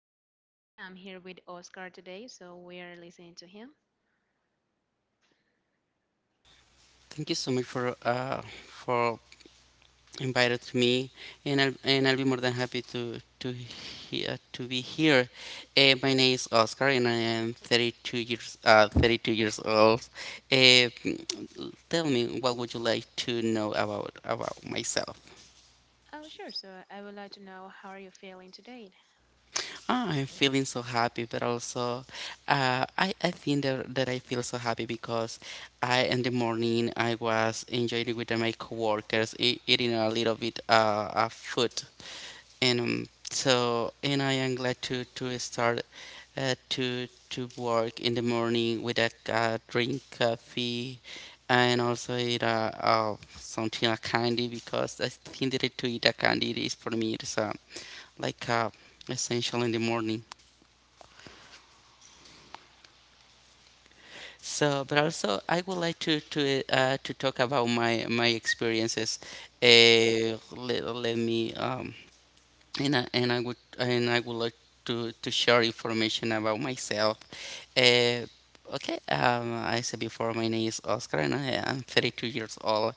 My name is Ariana. I'm here with Oscar today, so we are listening to him. Thank you so much for inviting me, and I'll be more than happy to to be here. My name is Oscar, and I am 32 years 32 years old. Uh, Tell me, what would you like to know about myself? Oh, sure. So, I would like to know, how are you feeling today? Ah, I'm feeling so happy, but also, I think that I feel so happy because I in the morning I was enjoying with my coworkers eating a little bit of food. And and I am glad to start to work in the morning with a drink coffee and also eat something a candy because I think that to eat a candy is for me it's like essential in the morning. So, but also I would like to to talk about my experiences. Let, let me and I would like to share information about myself. Uh, okay, I said before, my name is Oscar, and I am 32 years old.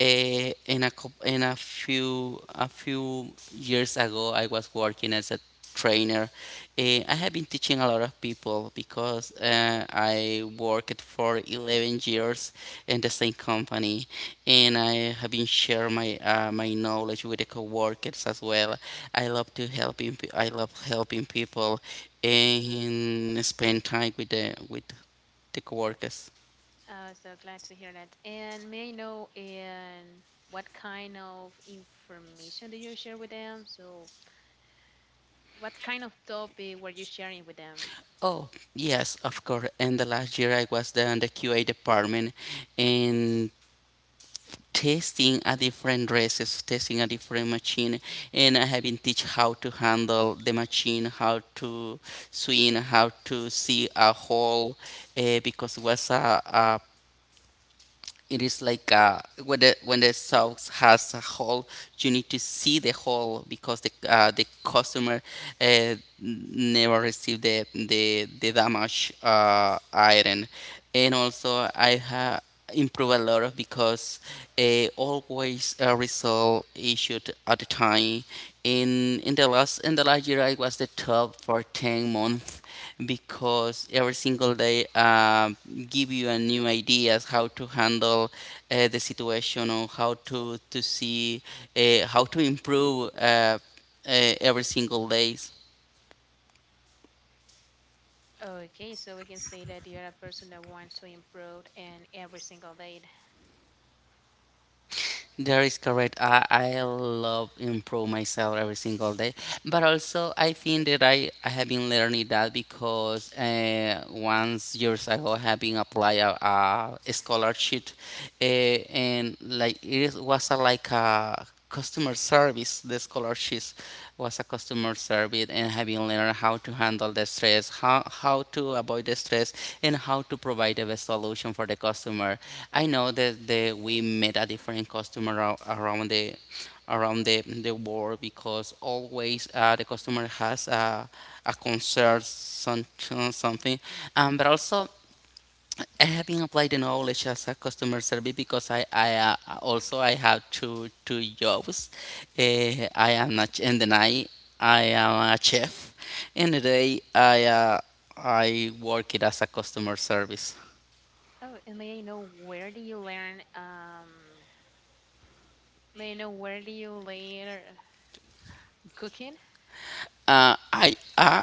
In a few years ago, I was working as a trainer. I have been teaching a lot of people because I worked for 11 years in the same company, and I have been sharing my my knowledge with the coworkers as well. I love helping people and spend time with the coworkers. So glad to hear that. And may I know, and what kind of information did you share with them? So, what kind of topic were you sharing with them? Oh yes, of course. And the last year I was there in the QA department and testing a different dresses, testing a different machine, and I have been teach how to handle the machine, how to swing, how to see a hole, because it was a it is like when the sauce has a hole, you need to see the hole because the customer uh, never received the damage iron, and also I have improved a lot of because always resolve issued at the time. In the last year, I was the top for 10 months because every single day give you a new ideas how to handle the situation or how to see how to improve every single day. Okay, so we can say that you're a person that wants to improve and every single day. That is correct. I love improve myself every single day. But also, I think that I have been learning that because once years ago, I have been applied a scholarship and like was a, like a customer service. The scholarship was a customer service and having learned how to handle the stress, how to avoid the stress and how to provide the best solution for the customer. I know that we met a different customer around the the world because always the customer has a concern something but also I have been applying the knowledge as a customer service because I also I have two jobs. uh, I am not in the night I am a chef. In the day, I work it as a customer service. Oh, and may I know where do you learn May I know where do you later cooking? Uh, I uh,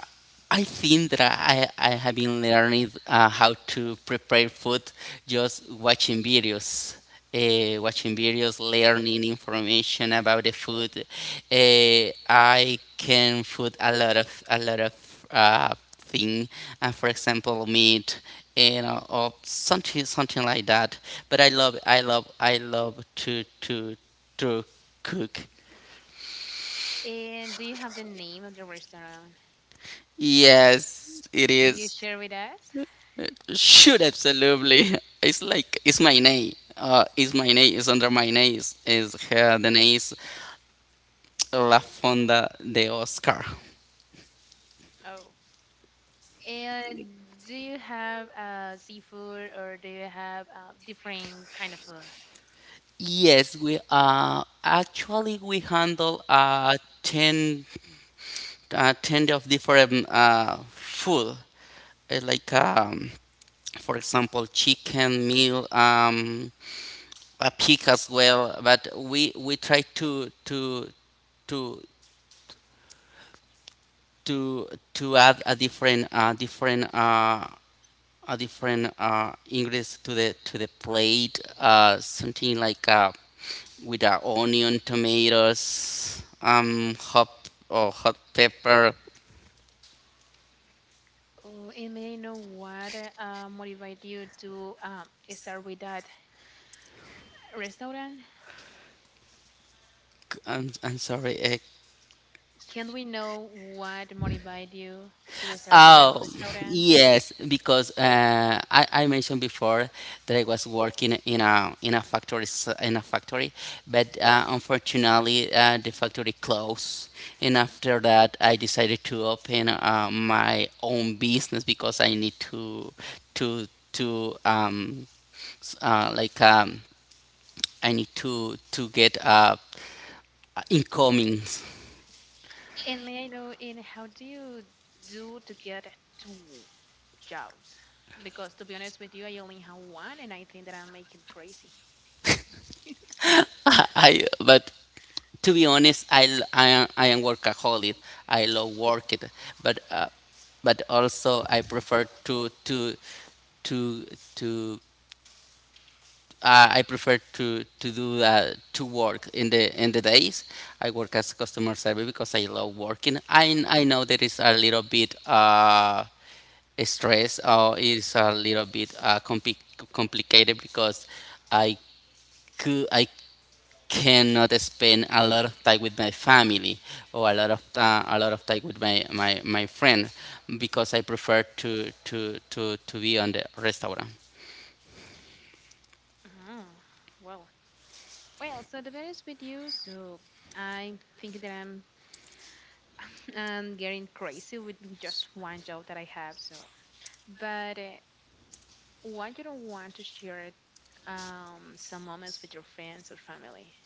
I think that I have been learning how to prepare food just watching videos, learning information about the food. I can put a lot of thing, for example, meat, you know, or something like that. But I love to to cook. And do you have the name of the restaurant? Yes, it Can you is. share with us? Shoot, absolutely. It's like it's my name. It's my name. It's under my name. Is her the name La Fonda de Oscar. Oh. And do you have seafood, or do you have different kind of food? Yes, we actually we handle ten of different food. Like for example chicken meal a pig as well. But we try to to to add a different different a different ingredients to the plate. Something like with onion, tomatoes, hot or hot pepper. Oh, and may I know what motivated you to start with that restaurant? I'm sorry, Can we know what motivated you to start with that oh, restaurant? yes, because I mentioned before that I was working in a factory s- in a factory, but unfortunately the factory closed, and after that I decided to open my own business because I need to to to um like I need to get incomings. And may I know, in how do you do to get to Jaws? Because to be honest with you, I only have one and I think that I'm making crazy. I but to be honest, I am workaholic. I love work it, but uh, but also I prefer to to to I prefer to do to work in the days. I work as customer service because I love working. I know there is a little bit stress or it's a little bit complicated because I I cannot spend a lot of time with my family or a lot of time with my friend because I prefer to be on the restaurant. Mhm. Well, well, so to be honest with you, so I think that I'm I'm getting crazy with just one job that I have. So, but why you don't want to share some moments with your friends or family?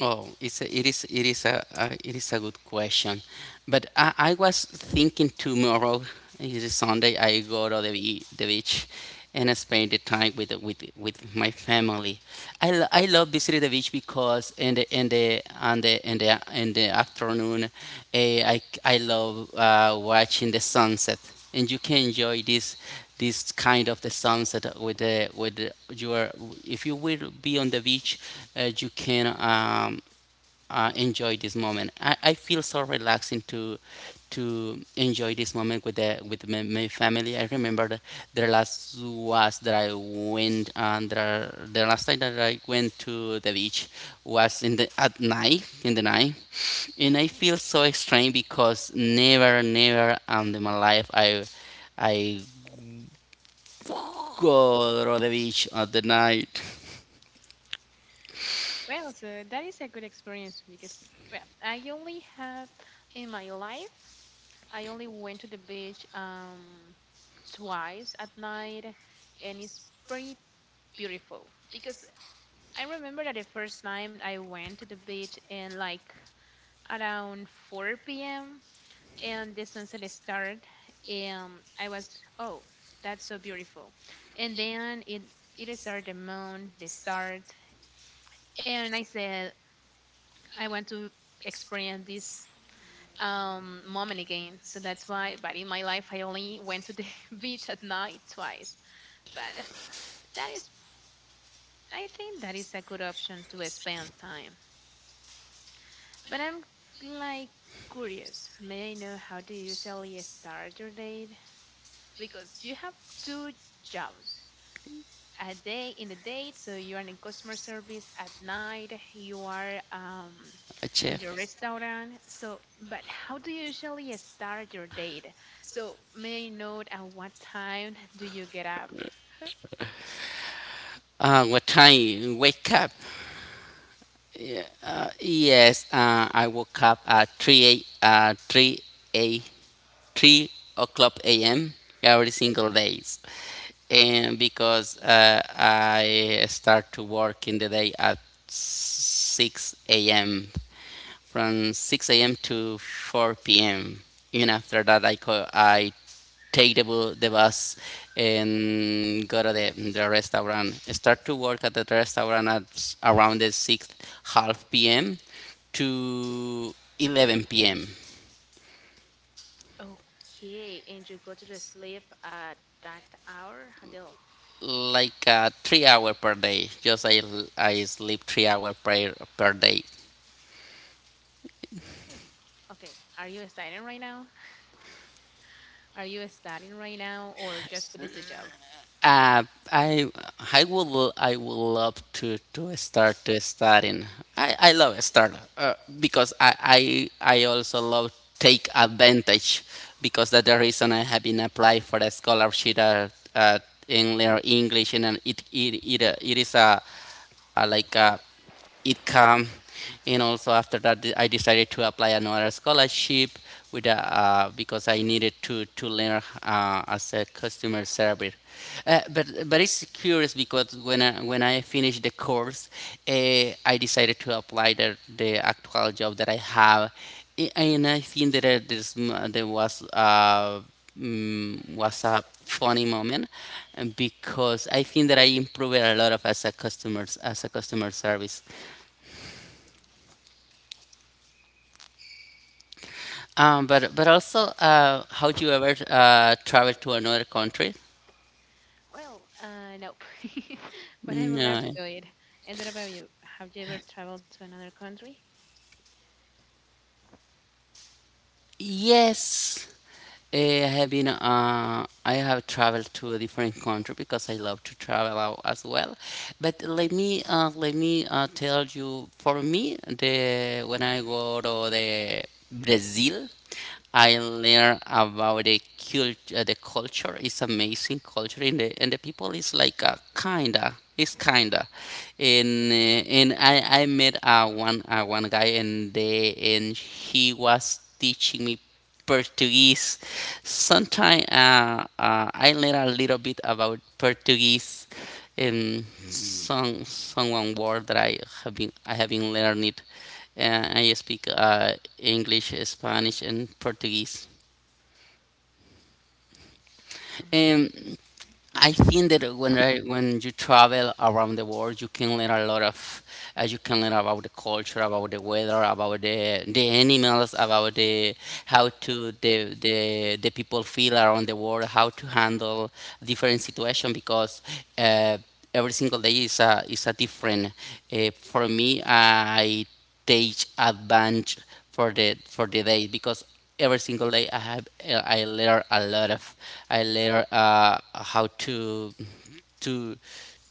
Oh, it's it is a it is a good question, but I was thinking tomorrow it is Sunday. I go to the beach, and I spend the time with my family. I love visiting the beach because in the on the in the in the afternoon, I love watching the sunset, and you can enjoy this kind of the sunset with the your if you will be on the beach you can enjoy this moment. I feel so relaxing to enjoy this moment with the with my, my family. I remember the last was that I went and the last time that I went to the beach was in the at night in the night and I feel so strange because never never in my life I Go on the beach at the night. Well, so that is a good experience because, well, I only have in my life, I only went to the beach twice at night, and it's pretty beautiful, because I remember that the first time I went to the beach and like around 4 p.m. and the sunset started and I was, oh, that's so beautiful, and then it started, the moon, the stars, and I said I want to experience this moment again. So that's why, but in my life I only went to the beach at night twice, but that is, I think that is a good option to spend time. But I'm like curious. May I know how do you usually start your date? Because you have two jobs. A day in the date, so you are in customer service. At night, you are A in your chef. restaurant. So, but how do you usually start your date? So, may I know at what time do you get up? What time? Wake up. Yes, I woke up at 3 a, uh, 3 a. 3 o'clock a.m. every single days. And because I start to work in the day at 6 a.m. from 6 a.m. to 4 p.m. And after that, I take the bus and go to the restaurant. I Start to work at the restaurant at around the 6 half p.m. to 11 p.m. Oh, okay. And you go to the sleep at that hour, Adele? like 3 hour per day. Just I sleep 3 hour per day. Oof. Okay, are you studying right now? Are you studying right now, or just put it to job? Uh, I I would love to start to studying. I, I love start uh, I also love take advantage because that's the reason I have been applied for a scholarship at in Lear English and it is a like a it come and also after that I decided to apply another scholarship with because I needed to learn as a customer service but it's curious because when I finished the course I decided to apply the actual job that I have. And I think that there was was a funny moment because I think that I improved a lot of as a customer service. But also, how do you ever travel to another country? Well, no, but I would love to No. do it. And what about you? Have you ever traveled to another country? Yes. Eh, I have been. I have traveled to a different country because I love to travel out as well. But let me tell you. For me, the when I go to the Brazil, I learn about the culture. The culture is amazing culture, and the people is like kinda. It's kinda, and I met one guy and they and he was teaching me Portuguese. Sometimes I learn a little bit about Portuguese in some one word that I have been learning. I speak English, Spanish, and Portuguese. Mhm. Um, I think that when I, when you travel around the world, you can learn a lot of, you can learn about the culture, about the weather, about the animals, about the how to the people feel around the world, how to handle different situation because uh, every single day is a different. For me, I take advantage for the day because every single day I learn a lot of I learn how to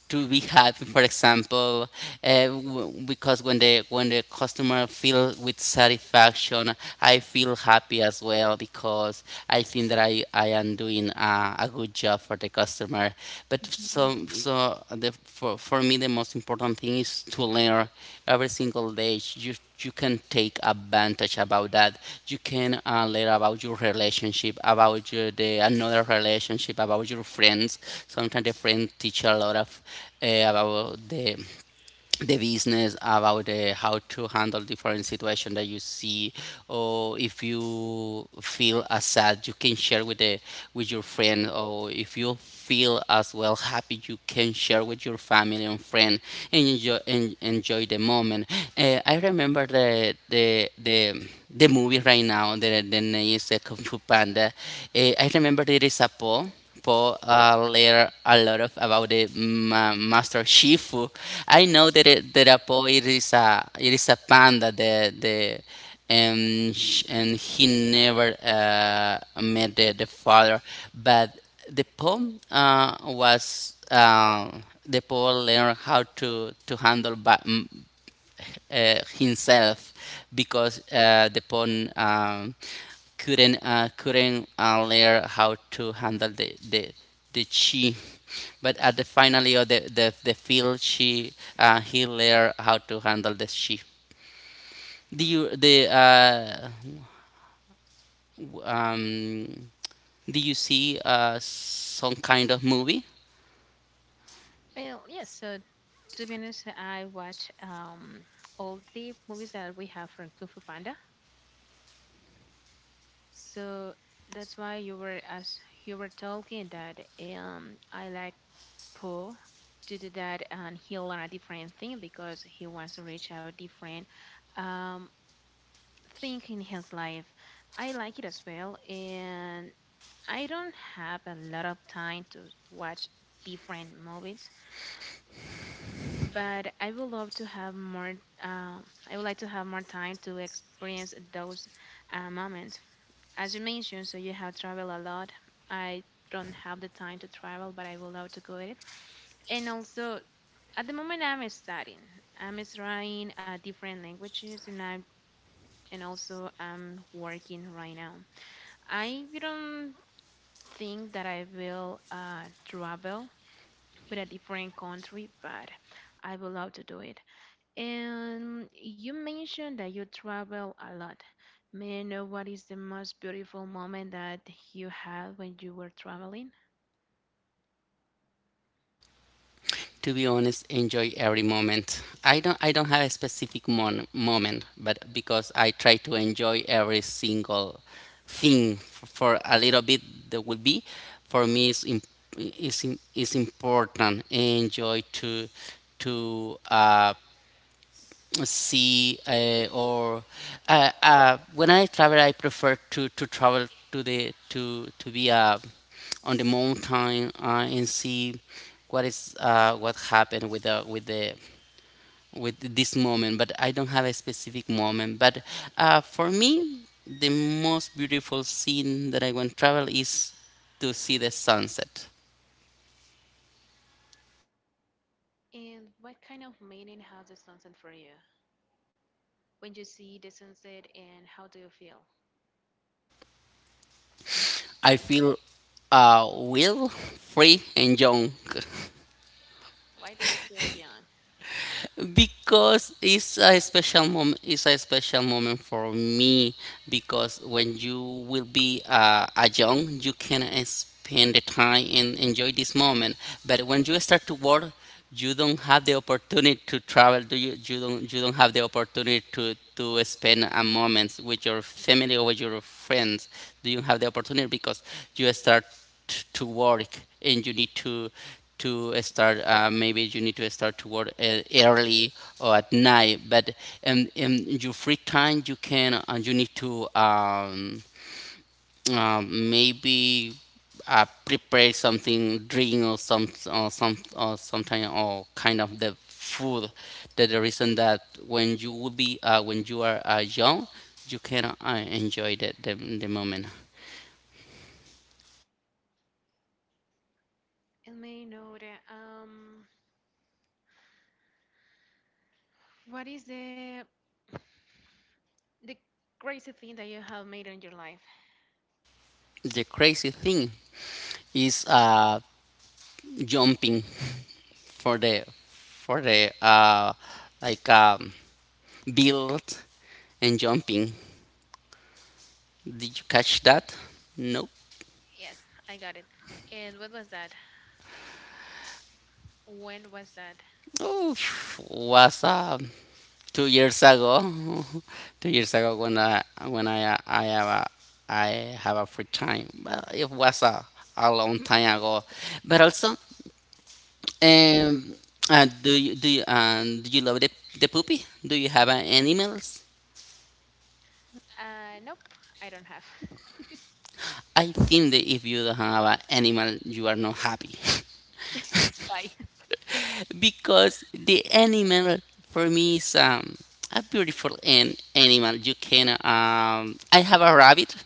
to be happy, for example, because when the customer feel with satisfaction, I feel happy as well because I think that I am doing a good job for the customer. But the for me, the most important thing is to learn every single day. You can take advantage about that. You can learn about your relationship, about the another relationship, about your friends. Sometimes the friend teach a lot of about the business, about how to handle different situation that you see, or if you feel as sad you can share with the with your friend, or if you feel as well happy you can share with your family and friend and enjoy the moment. I remember the movie right now. The name is Kung Fu Panda. I remember there is a poem po learn a lot of about Master Shifu. I know that a po it is a panda and he never met the father, but the poem uh, was uh, the poem learned how to handle himself because the pawn, couldn't learn how to handle the chi. But at the finally of the field, she he learned how to handle the chi. Do you the uh, w- um, do you see some kind of movie? Well, yes. So to be honest, I watch all the movies that we have from Kung Fu Panda. So that's why, you were as you were talking that I like poor to do that, and he learn a different thing because he wants to reach out different um, thing in his life. I like it as well, and I don't have a lot of time to watch different movies, but I would love to have more I would like to have more time to experience those moments. As you mentioned, so you have traveled a lot. I don't have the time to travel, but I would love to go at it. And also, at the moment, I'm studying. I'm studying different languages, and I'm and also I'm working right now. I don't think that I will travel with a different country, but I would love to do it. And you mentioned that you travel a lot. May I know what is the most beautiful moment that you had when you were traveling? To be honest, enjoy every moment. I don't have a specific moment, but because I try to enjoy every single thing for a little bit that will be, for me, is important enjoy to see or when I travel, I prefer to travel to the to be on the mountain and see what is what happened with the with the with this moment. But I don't have a specific moment. But for me, the most beautiful scene that I want to travel is to see the sunset. And what kind of meaning has the sunset for you? When you see the sunset, and how do you feel? I feel will free and young. Why do you feel young? Because it's a special moment for me because when you will be a young, you can spend the time and enjoy this moment. But when you start to work, you don't have the opportunity to travel, do you? You don't have the opportunity to spend a moment with your family or with your friends. Do you have the opportunity? Because you start to work and you need to start maybe you need to start to work early or at night. But in your free time you can you need to maybe prepare something, drink or something or kind of the food. That the reason that when you will be when you are young, you can enjoy the moment. And may know that what is the crazy thing that you have made in your life? The crazy thing is jumping for the like um build and jumping. Did you catch that? Nope. Yes, I got it. And what was that? When was that? Oh, was 2 years ago. 2 years ago when I have I a free time. But it was a long time ago. But also, um, do you love the puppy? Do you have animals? Nope, I don't have. I think that if you don't have an animal, you are not happy. Why? Because the animal for me is a beautiful animal. You can I have a rabbit,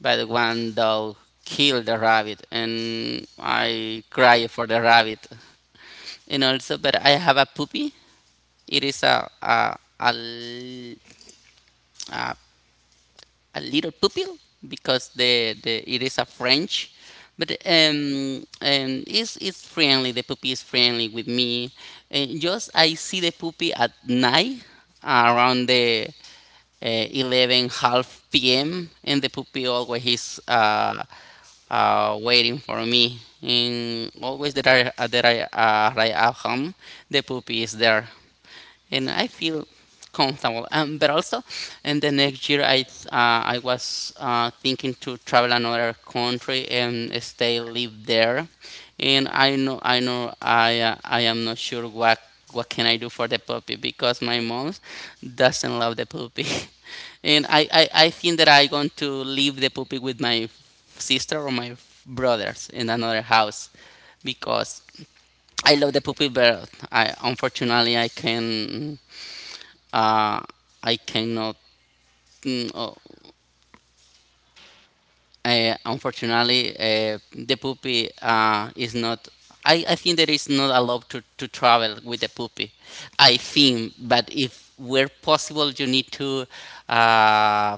but the one dog killed the rabbit, and I cry for the rabbit. And also, but I have a puppy. It is a, l- a a little pupil because the it is a French, but it's friendly. The puppy is friendly with me. And just I see the puppy at night around the 11 half p.m., and the puppy always is waiting for me. And always that I arrive at home, the puppy is there and I feel comfortable. But also, and the next year I was thinking to travel another country and stay live there, and I know I am not sure what can I do for the puppy because my mom doesn't love the puppy, and I think that I going to leave the puppy with my sister or my brothers in another house because I love the puppy, but I unfortunately uh, I cannot. Oh, unfortunately, the puppy is not. I think there is not allowed to travel with the puppy. I think, but if where possible, you need to uh,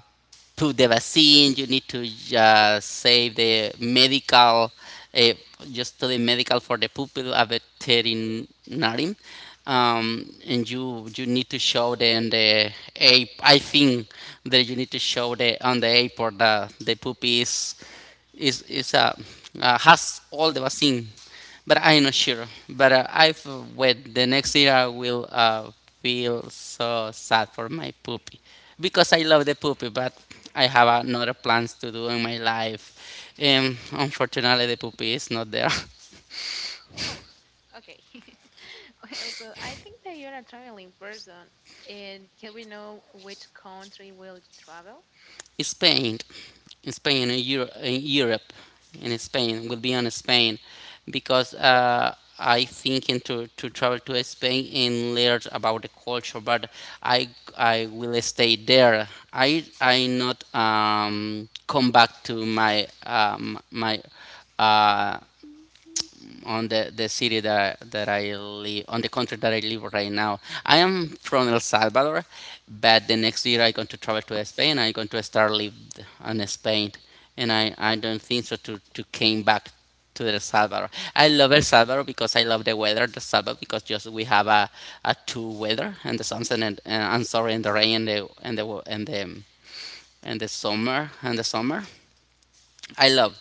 put the vaccine. You need to save the medical, uh, just to the medical for the puppy, a veterinarian, and you need to show them the ape. I think that you need to show the on the airport that the poop is has all the vaccine, but I'm not sure. But I've wait, the next year I will feel so sad for my poopy because I love the poopy, but I have another plans to do in my life. Unfortunately, the poopy is not there. Oh, okay. Well, so I think that you're a traveling person. And can we know which country will you travel? Spain, in Spain, in Europe, in Spain, will be on Spain because I thinking to travel to Spain and learn about the culture, but I I will stay there. I not come back to my my uh, on the city that I live on the country that I live right now. I am from El Salvador, but the next year I'm going to travel to Spain. I'm going to start live in Spain, and I don't think so to came back to El Salvador. I love El Salvador because I love the weather. The Salvador because just we have a two weather and the sunset and I'm sorry and the rain and the summer I love,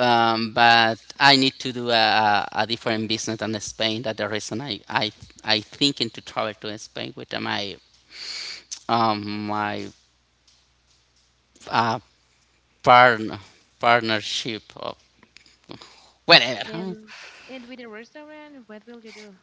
but I need to do a different business than Spain. That's the reason I thinking to travel to Spain with my uh, partner partnership or whatever. And and with the restaurant, what will you do?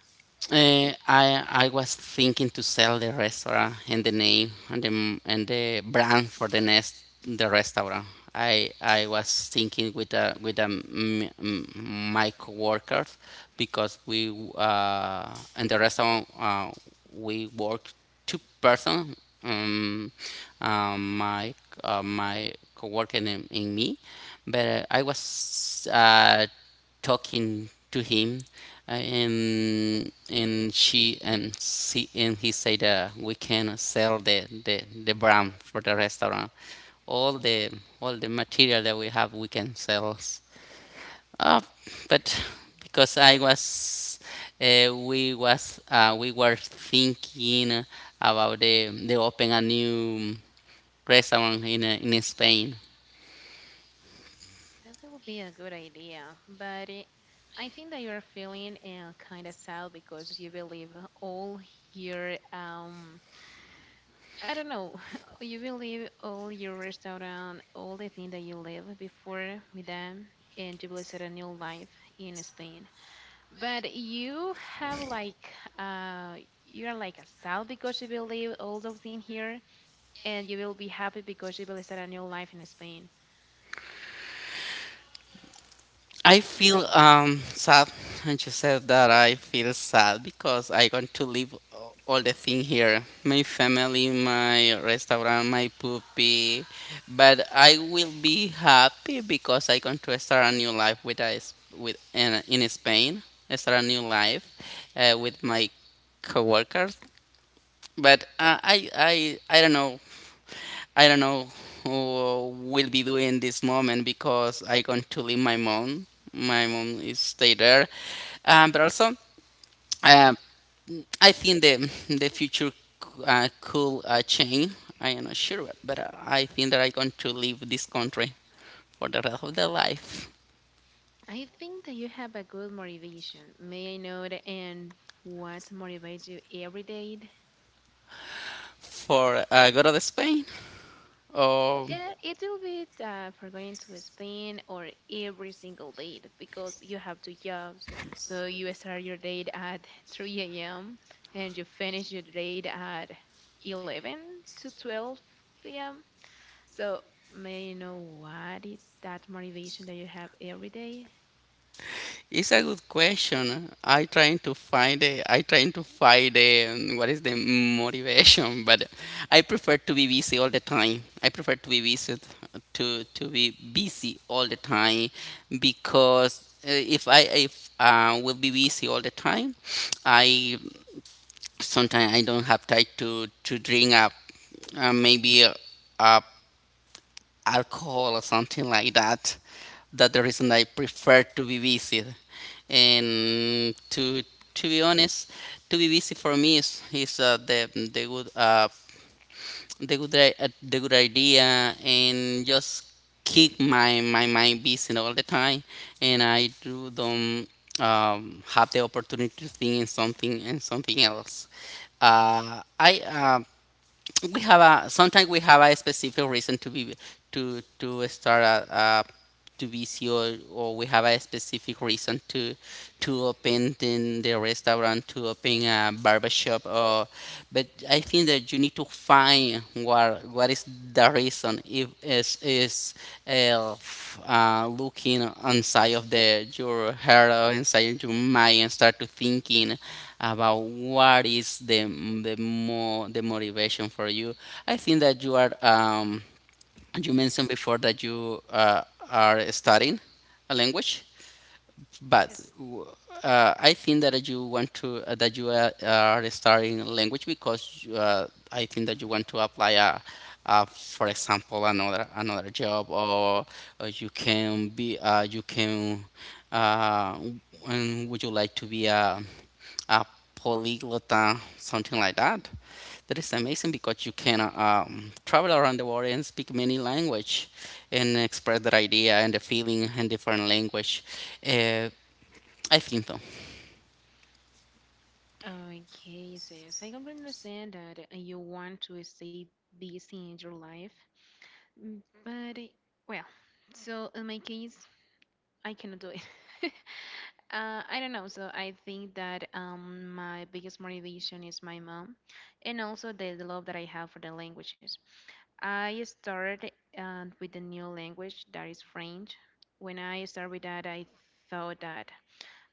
I was thinking to sell the restaurant and the name and and the brand for the restaurant. I was thinking with my coworkers because we in the restaurant we work two person, um, um my my coworker and me, but I was talking to him, and he said, we can sell the brand for the restaurant, all the all the material that we have we can sell. Uh, but because I was, we was, we were thinking about the open a new restaurant in Spain. That will be a good idea, but it, I think that you're feeling kind of sad because you believe all your I don't know, you believe all your restaurant, all the thing that you live before with them, and you will set a new life in Spain. But you have like uh you're like a sad because you believe all those things here, and you will be happy because you will start a new life in Spain. I feel sad, and you said that I feel sad because I want to leave all the thing here, my family, my restaurant, my puppy, but I will be happy because I want to start a new life with us with in Spain. I start a new life with my coworkers. But I don't know who will be doing this moment because I going to leave my mom. My mom is stay there, but also um, I think the future could change. I am not sure, but I think that I going to leave this country for the rest of the life I think that you have a good motivation. May I know the and what motivates you every day? for go to the Spain or... Yeah, it will be for going to Spain or every single day because you have two jobs. So you start your day at 3 a.m. and you finish your day at 11 to 12 p.m. So may I know what is that motivation that you have every day? It's a good question. I trying to find a what is the motivation, but I prefer to be busy all the time. I prefer to be busy all the time because if I if will be busy all the time, I sometimes I don't have time to drink up maybe a alcohol or something like that. That the reason I prefer to be busy. And to be honest, to be busy for me is the good idea and just keep my mind busy all the time. And I do don't have the opportunity to think in something and something else. I. We have a Sometimes we have a specific reason to start a to be CEO, or we have a specific reason to open in the restaurant, to open a barbershop, or but I think that you need to find what is the reason if is looking inside of the your hair or inside your mind and start to thinking about what is the motivation for you. I think that you are you mentioned before that you are studying a language, but Yes. I think that you want to that you are studying language because I think that you want to apply a. For example, another job, or you can be you can w- and would you like to be a polyglot, something like that. That is amazing because you can travel around the world and speak many language and express that idea and the feeling in different language. Uh, I think so. Okay, so yes, I completely understand that you want to stay busy in your life. Mm, but well, so in my case, I cannot do it. I don't know. So I think that my biggest motivation is my mom, and also the love that I have for the languages. I started with the new language that is French. When I started with that, I thought that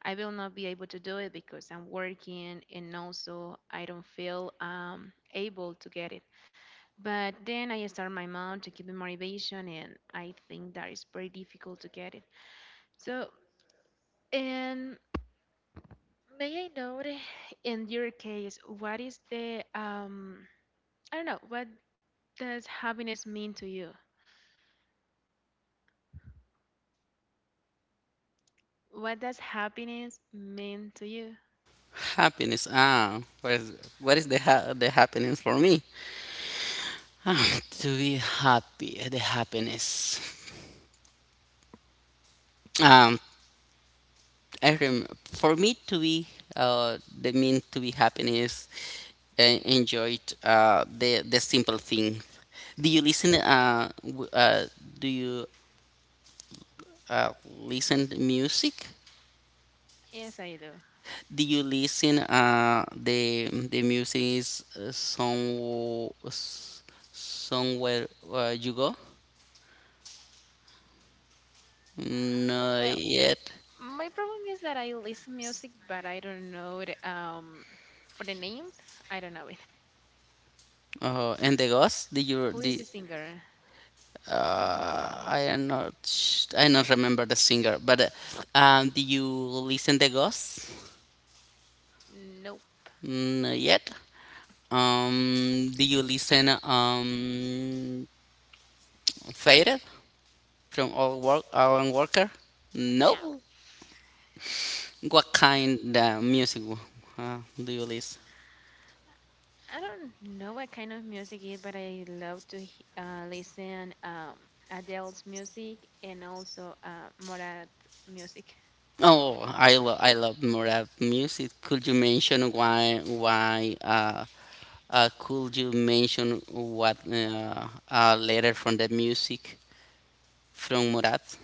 I will not be able to do it because I'm working, and also I don't feel able to get it. But then I start my mom to keep me motivation, and I think that is very difficult to get it. So, and may I know, in your case, what is the I don't know, what does happiness mean to you? What does happiness mean to you? Happiness. What what is the happiness for me? To be happy, the happiness. Um, for me to be the mean to be happiness enjoyed the simple things. Do you listen? Do you uh, listen to music? Yes, I do. Do you listen? The music is s- somewhere you go? Uh, No, Well, yet. my problem is that I listen music, but I don't know it, for the names. I don't know it. Oh, and the ghost? Did you Who is the the? singer? I am not. I not remember the singer, but do you listen the ghost? Nope. No yet. Do you listen Faded from All Work Alan Walker? No. No. What kind of music do you listen? I don't know what kind of music it is, but I love to listen Adele's music and also Morat music. Oh, I love more of music. Could you mention what letter from the music from Murat?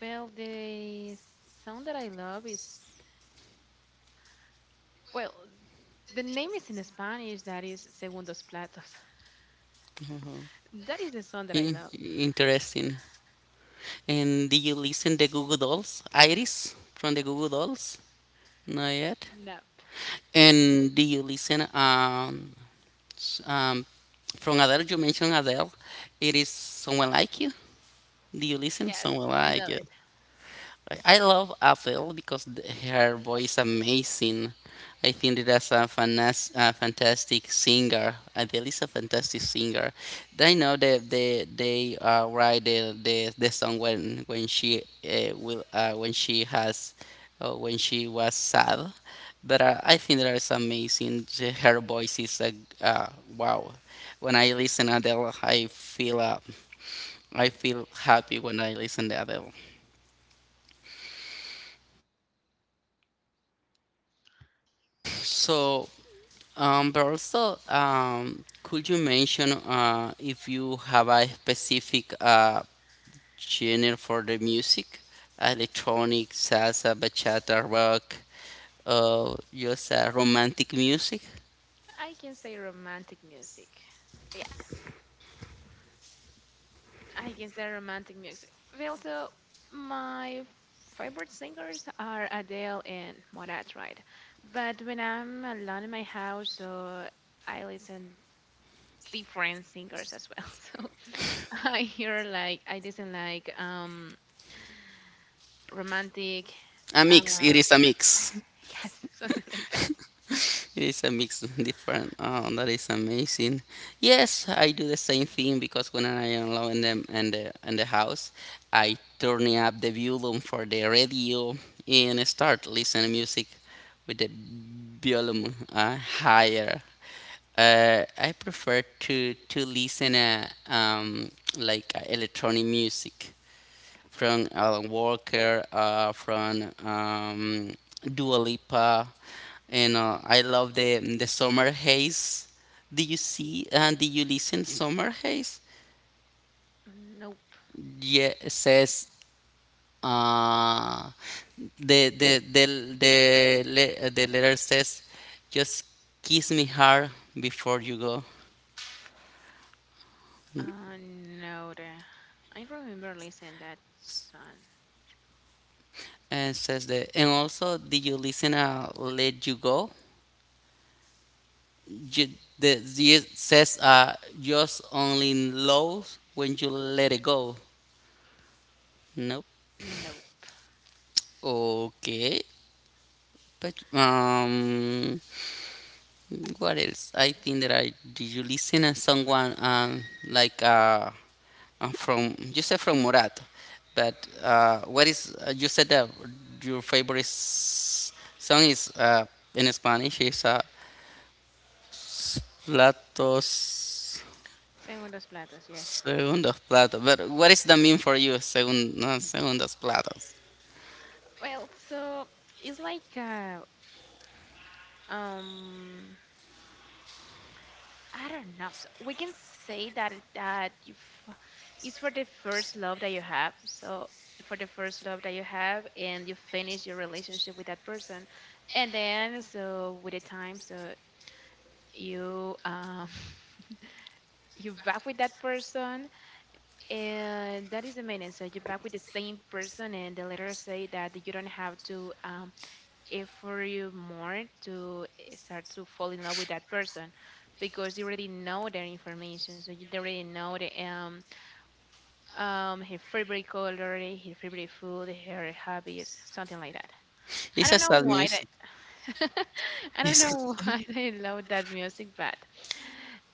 Well, the song that I love is, well, the name is in Spanish. That is Segundos Platos. Mhm. That is the song that I love. Interesting. And do you listen the Google Dolls? Iris from the Google Dolls? Not yet. Nope. And do you listen? S- um, from Adele, you mentioned Adele. It is someone like you. Do you listen? Yes, Someone I like love you. it. I love Apple because her voice amazing. I think that that's a fantastic singer. Adele is a fantastic singer. They know that they write the song when she will when she has when she was sad. But I think that is amazing. Her voice is a uh, wow. When I listen Adele, I feel happy when I listen to Adele. So but also, could you mention if you have a specific genre for the music? Electronic, salsa, bachata, rock, just romantic music? I can say romantic music. Yes, I can say romantic music. Well, so my favorite singers are Adele and Morat, right? But when I'm alone in my house, so I listen different singers as well. So I hear like I listen like romantic, A uh, mix, it is a mix. yes, something like that. It is a mix different. Oh, that is amazing. Yes, I do the same thing because when I am alone them and the house, I turn up the volume for the radio and start listening music with the volume higher. I prefer to listen like electronic music from Alan Walker, from Dua Lipa, and I love the Summer Haze. Do you see and do you listen Summer Haze? Nope. Yeah, it says uh, the the the the the letter says, just kiss me hard before you go. No, I remember listening that song. And says that, and also, did you listen? Let you go. You, the it says just only lows when you let it go. Nope. Nope. Okay. But What else? I think that I did you listen to someone like from you said from Murat, but what is you said that your favorite song is in Spanish is Platos. Segundos platos, yes. Segundos platos. But what is the mean for you? No, segundos platos. Well, so it's like um I don't know. So we can say that you it's for the first love that you have. So for the first love that you have, and you finish your relationship with that person, and then so with the time, so you you back with that person, and that is the meaning. So you back with the same person, and the letter say that you don't have to it for you more to start to fall in love with that person because you already know their information. So you already know the, her favorite color, her favorite food, her hobbies, something like that. I It's a don't know sad why music. that. I don't It's know a, why I love that music, but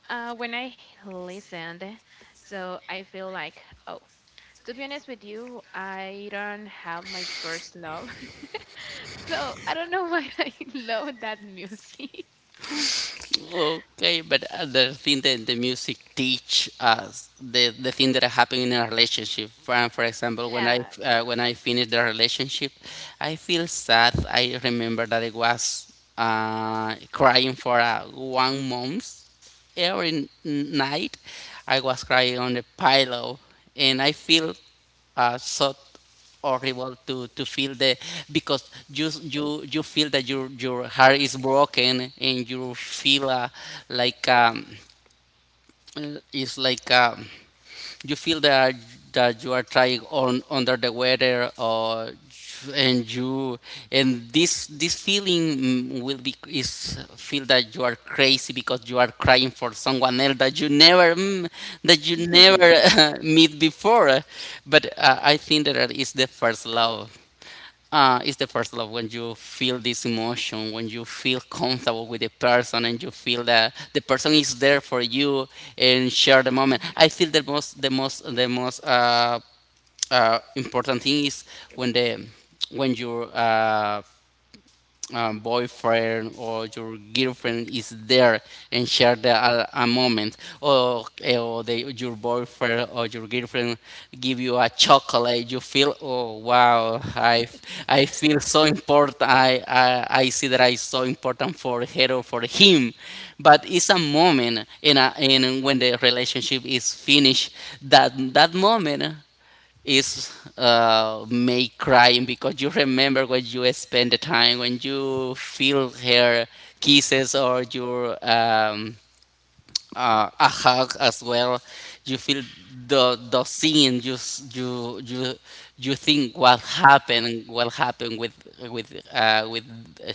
when I listened, so I feel like, oh, to be honest with you, I don't have my first love. So I don't know why I love that music. okay, but the thing that the music teach us, the thing that are happening in a relationship. For example, Yeah. When I finish the relationship, I feel sad. I remember that I was crying for 1 month every night. I was crying on the pillow, and I feel sought horrible to feel the because you feel that your heart is broken and you feel like um it's like you feel that that you are trying on under the weather or and you and this feeling will be is feel that you are crazy because you are crying for someone else that you never that you never meet before but I think that is the first love when you feel this emotion, when you feel comfortable with the person, and you feel that the person is there for you and share the moment. Mhm. I feel the most important thing is when the when your boyfriend or your girlfriend is there and share a moment or, or they, your boyfriend or your girlfriend give you a chocolate you feel oh wow I feel so important I see that I am so important for her or for him but it's a moment in in when the relationship is finished that moment is may crying because you remember when you spend the time when you feel her kisses or your a hug as well. You feel the scene. You s- you think what happened with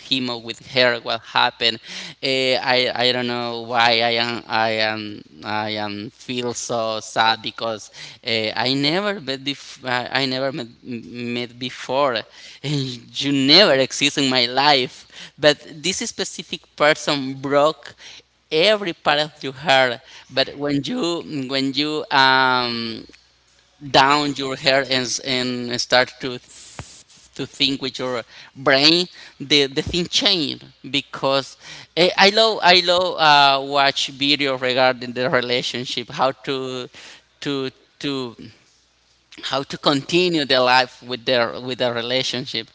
him or with her, what happened. I don't know why I am feel so sad because I never met bef- I never met before. You never exist in my life, but this specific person broke every part of your hair but when you down your hair and start to think with your brain the thing change because I love watch video regarding the relationship how to to how to continue their life with their relationship.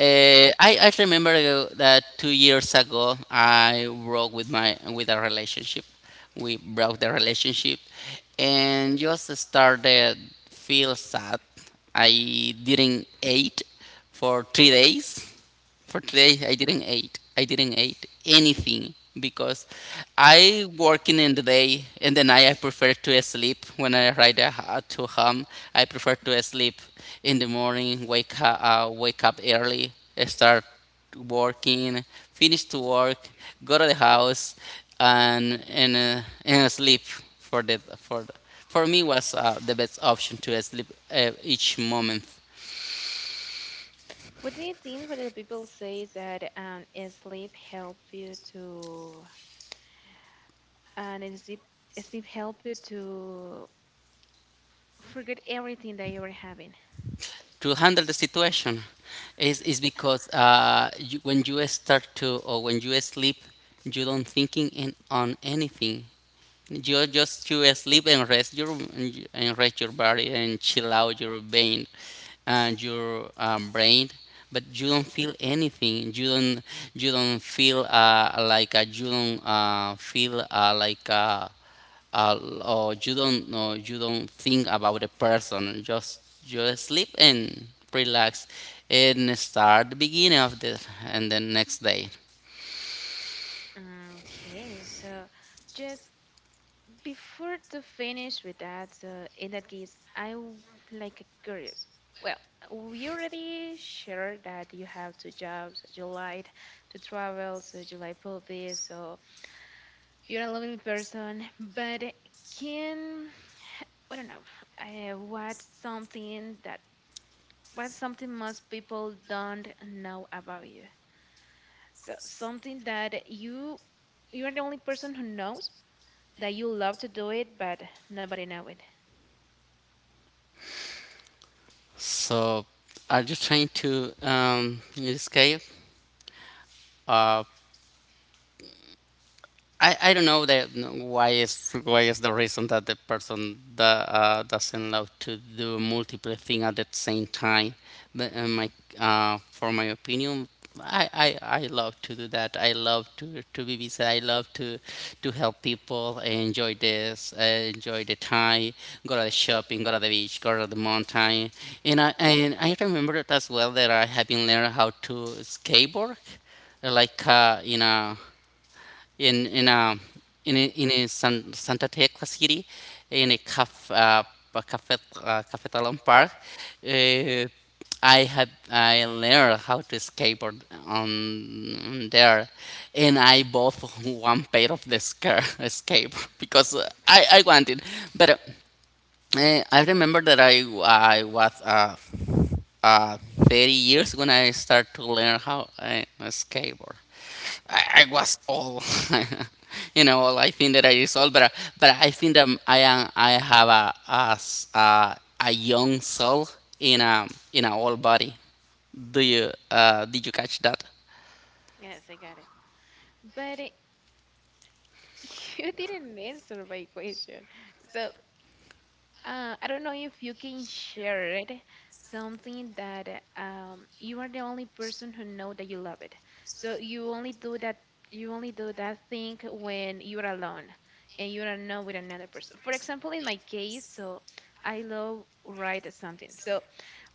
I remember that 2 years ago I broke with my with a relationship. We broke the relationship and just started feel sad. I didn't eat for 3 days for today I didn't eat anything because I working in the day and the night I prefer to sleep when I ride to home I prefer to sleep in the morning wake up early start working finish to work go to the house and sleep for for me was the best option to sleep each moment What do you think when the people say that is sleep help you to and is sleep help you to forget everything that you were having? to handle the situation is because you, when you sleep you don't thinking on anything you just to sleep and rest your body and chill out your vein and your brain. But you don't feel anything. You don't feel like. Uh, or you don't know you don't think about the person just sleep and relax and start the beginning of the next day Okay, so just before to finish with that, in that case, I'm like curious. Well, we already shared that you have two jobs, you like to travel, so you like puppies, so you're a lovely person. But can I don't know, what's something that what's something most people don't know about you? So something that you're the only person who knows that you love to do it, but nobody know it. so are you trying to escape. Uh, I don't know that no, why is the reason that the person that doesn't love to do multiple things at the same time. But my For my opinion, I love to do that. I love to be busy. I love to help people. I enjoy this. I enjoy the time. Go to the shopping. Go to the beach. Go to the mountain. And I remember it as well that I have been learning how to skateboard like in in a in a Santa Tecla city, in a caf, uh, a cafe cafetalon park. Uh, I learned how to skateboard on there, and I bought one pair of the skirt skateboard because I wanted, but I remember that I was uh, 30 years when I started to learn how I skateboard. I was old, you know. All I think that I is old, but I think that I have a young soul in a old body. Do you Did you catch that? Yes, I got it. But you didn't answer my question. So, I don't know if you can share it, something that you are the only person who know that you love it. So you only do that, you only do that thing when you are alone and you are not with another person. For example, in my case, so I love write something. So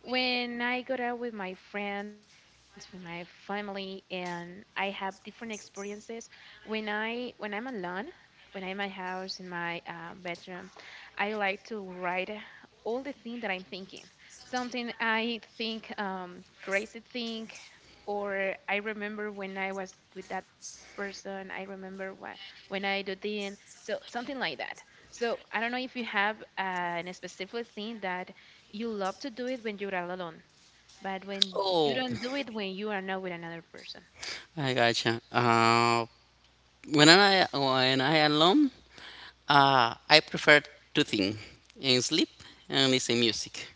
when I go out with my friends, with my family, and I have different experiences, when I when I'm alone, when I'm in my house in my bedroom, I like to write all the things that I'm thinking. Something I think crazy thing, or I remember when I was with that person. I remember what when I do this. So something like that. So I don't know if you have a specific thing that you love to do it when you're all alone, but when you Oh, don't do it when you are not with another person. I gotcha. When I alone. I prefer two things: and sleep and listen music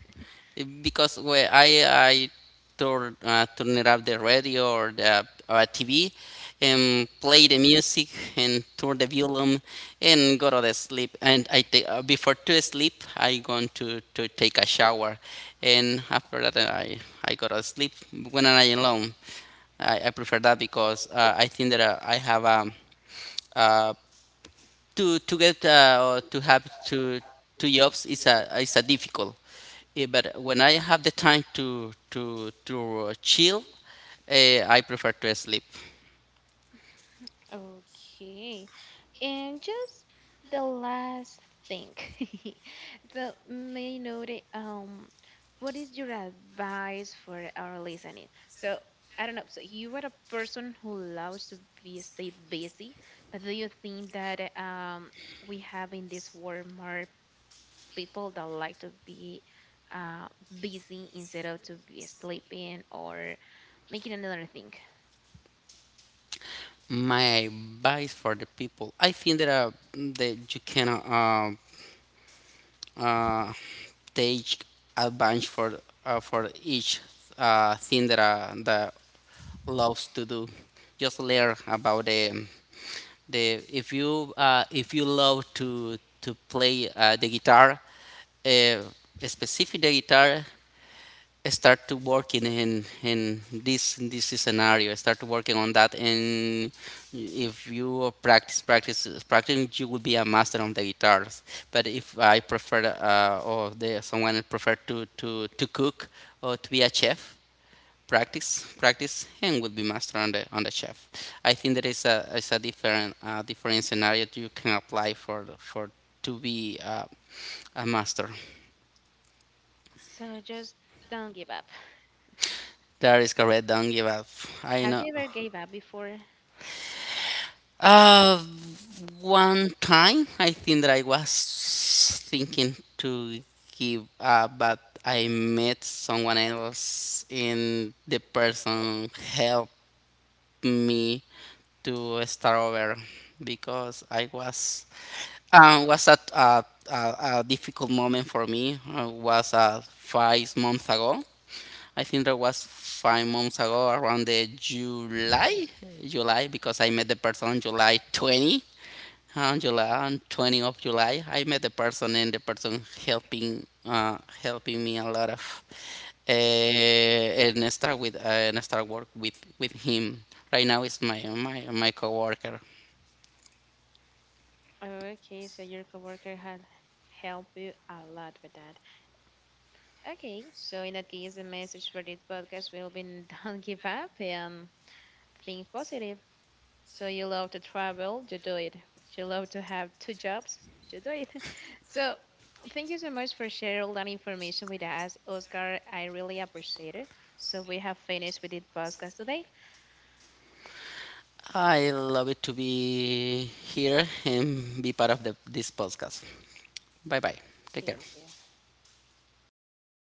because when I turn turn it up the radio or the TV and play the music and turn the volume and go to the sleep and I take before to sleep I going to take a shower and after that I go to sleep when I alone I prefer that because I think that I have to get to have two jobs is a difficult. But when I have the time to chill, I prefer to sleep. Okay. And just the last thing. So, may I know that, what is your advice for our listening? So, I don't know. So, you are a person who loves to be stay busy, but do you think that we have in this world more people that like to be uh busy instead of to be sleeping or making another thing? My advice for the people, I think that that you can uh, take advantage for for each thing that loves to do. Just learn about the if you love to play the guitar, uh, specific the guitar start to working in this scenario start working on that and if you practice practice practicing you will be a master on the guitars but if I prefer or someone prefer to cook or to be a chef practice and will be master on the chef I think there is a different different scenario you can apply for to be a master So, just don't give up. that is correct don't give up I Have know. you ever gave up before? Uh, One time I think that I was thinking to give up, but I met someone else, and the person helped me to start over because I was at a difficult moment for me. I was 5 months ago. I think that was 5 months ago, around July, because I met the person on July 20 on 20 of July, I met the person and the person helping me a lot of and I start work with him. Right now is my coworker. Oh, okay, so your coworker had helped you a lot with that. Okay, so in that case, the message for this podcast will be don't give up and think positive. So you love to travel, you do it. You love to have two jobs, you do it. So thank you so much for sharing all that information with us, Oscar. I really appreciate it. So we have finished with this podcast today. I love it to be here and be part of this podcast. Bye bye. Take Thank care. you.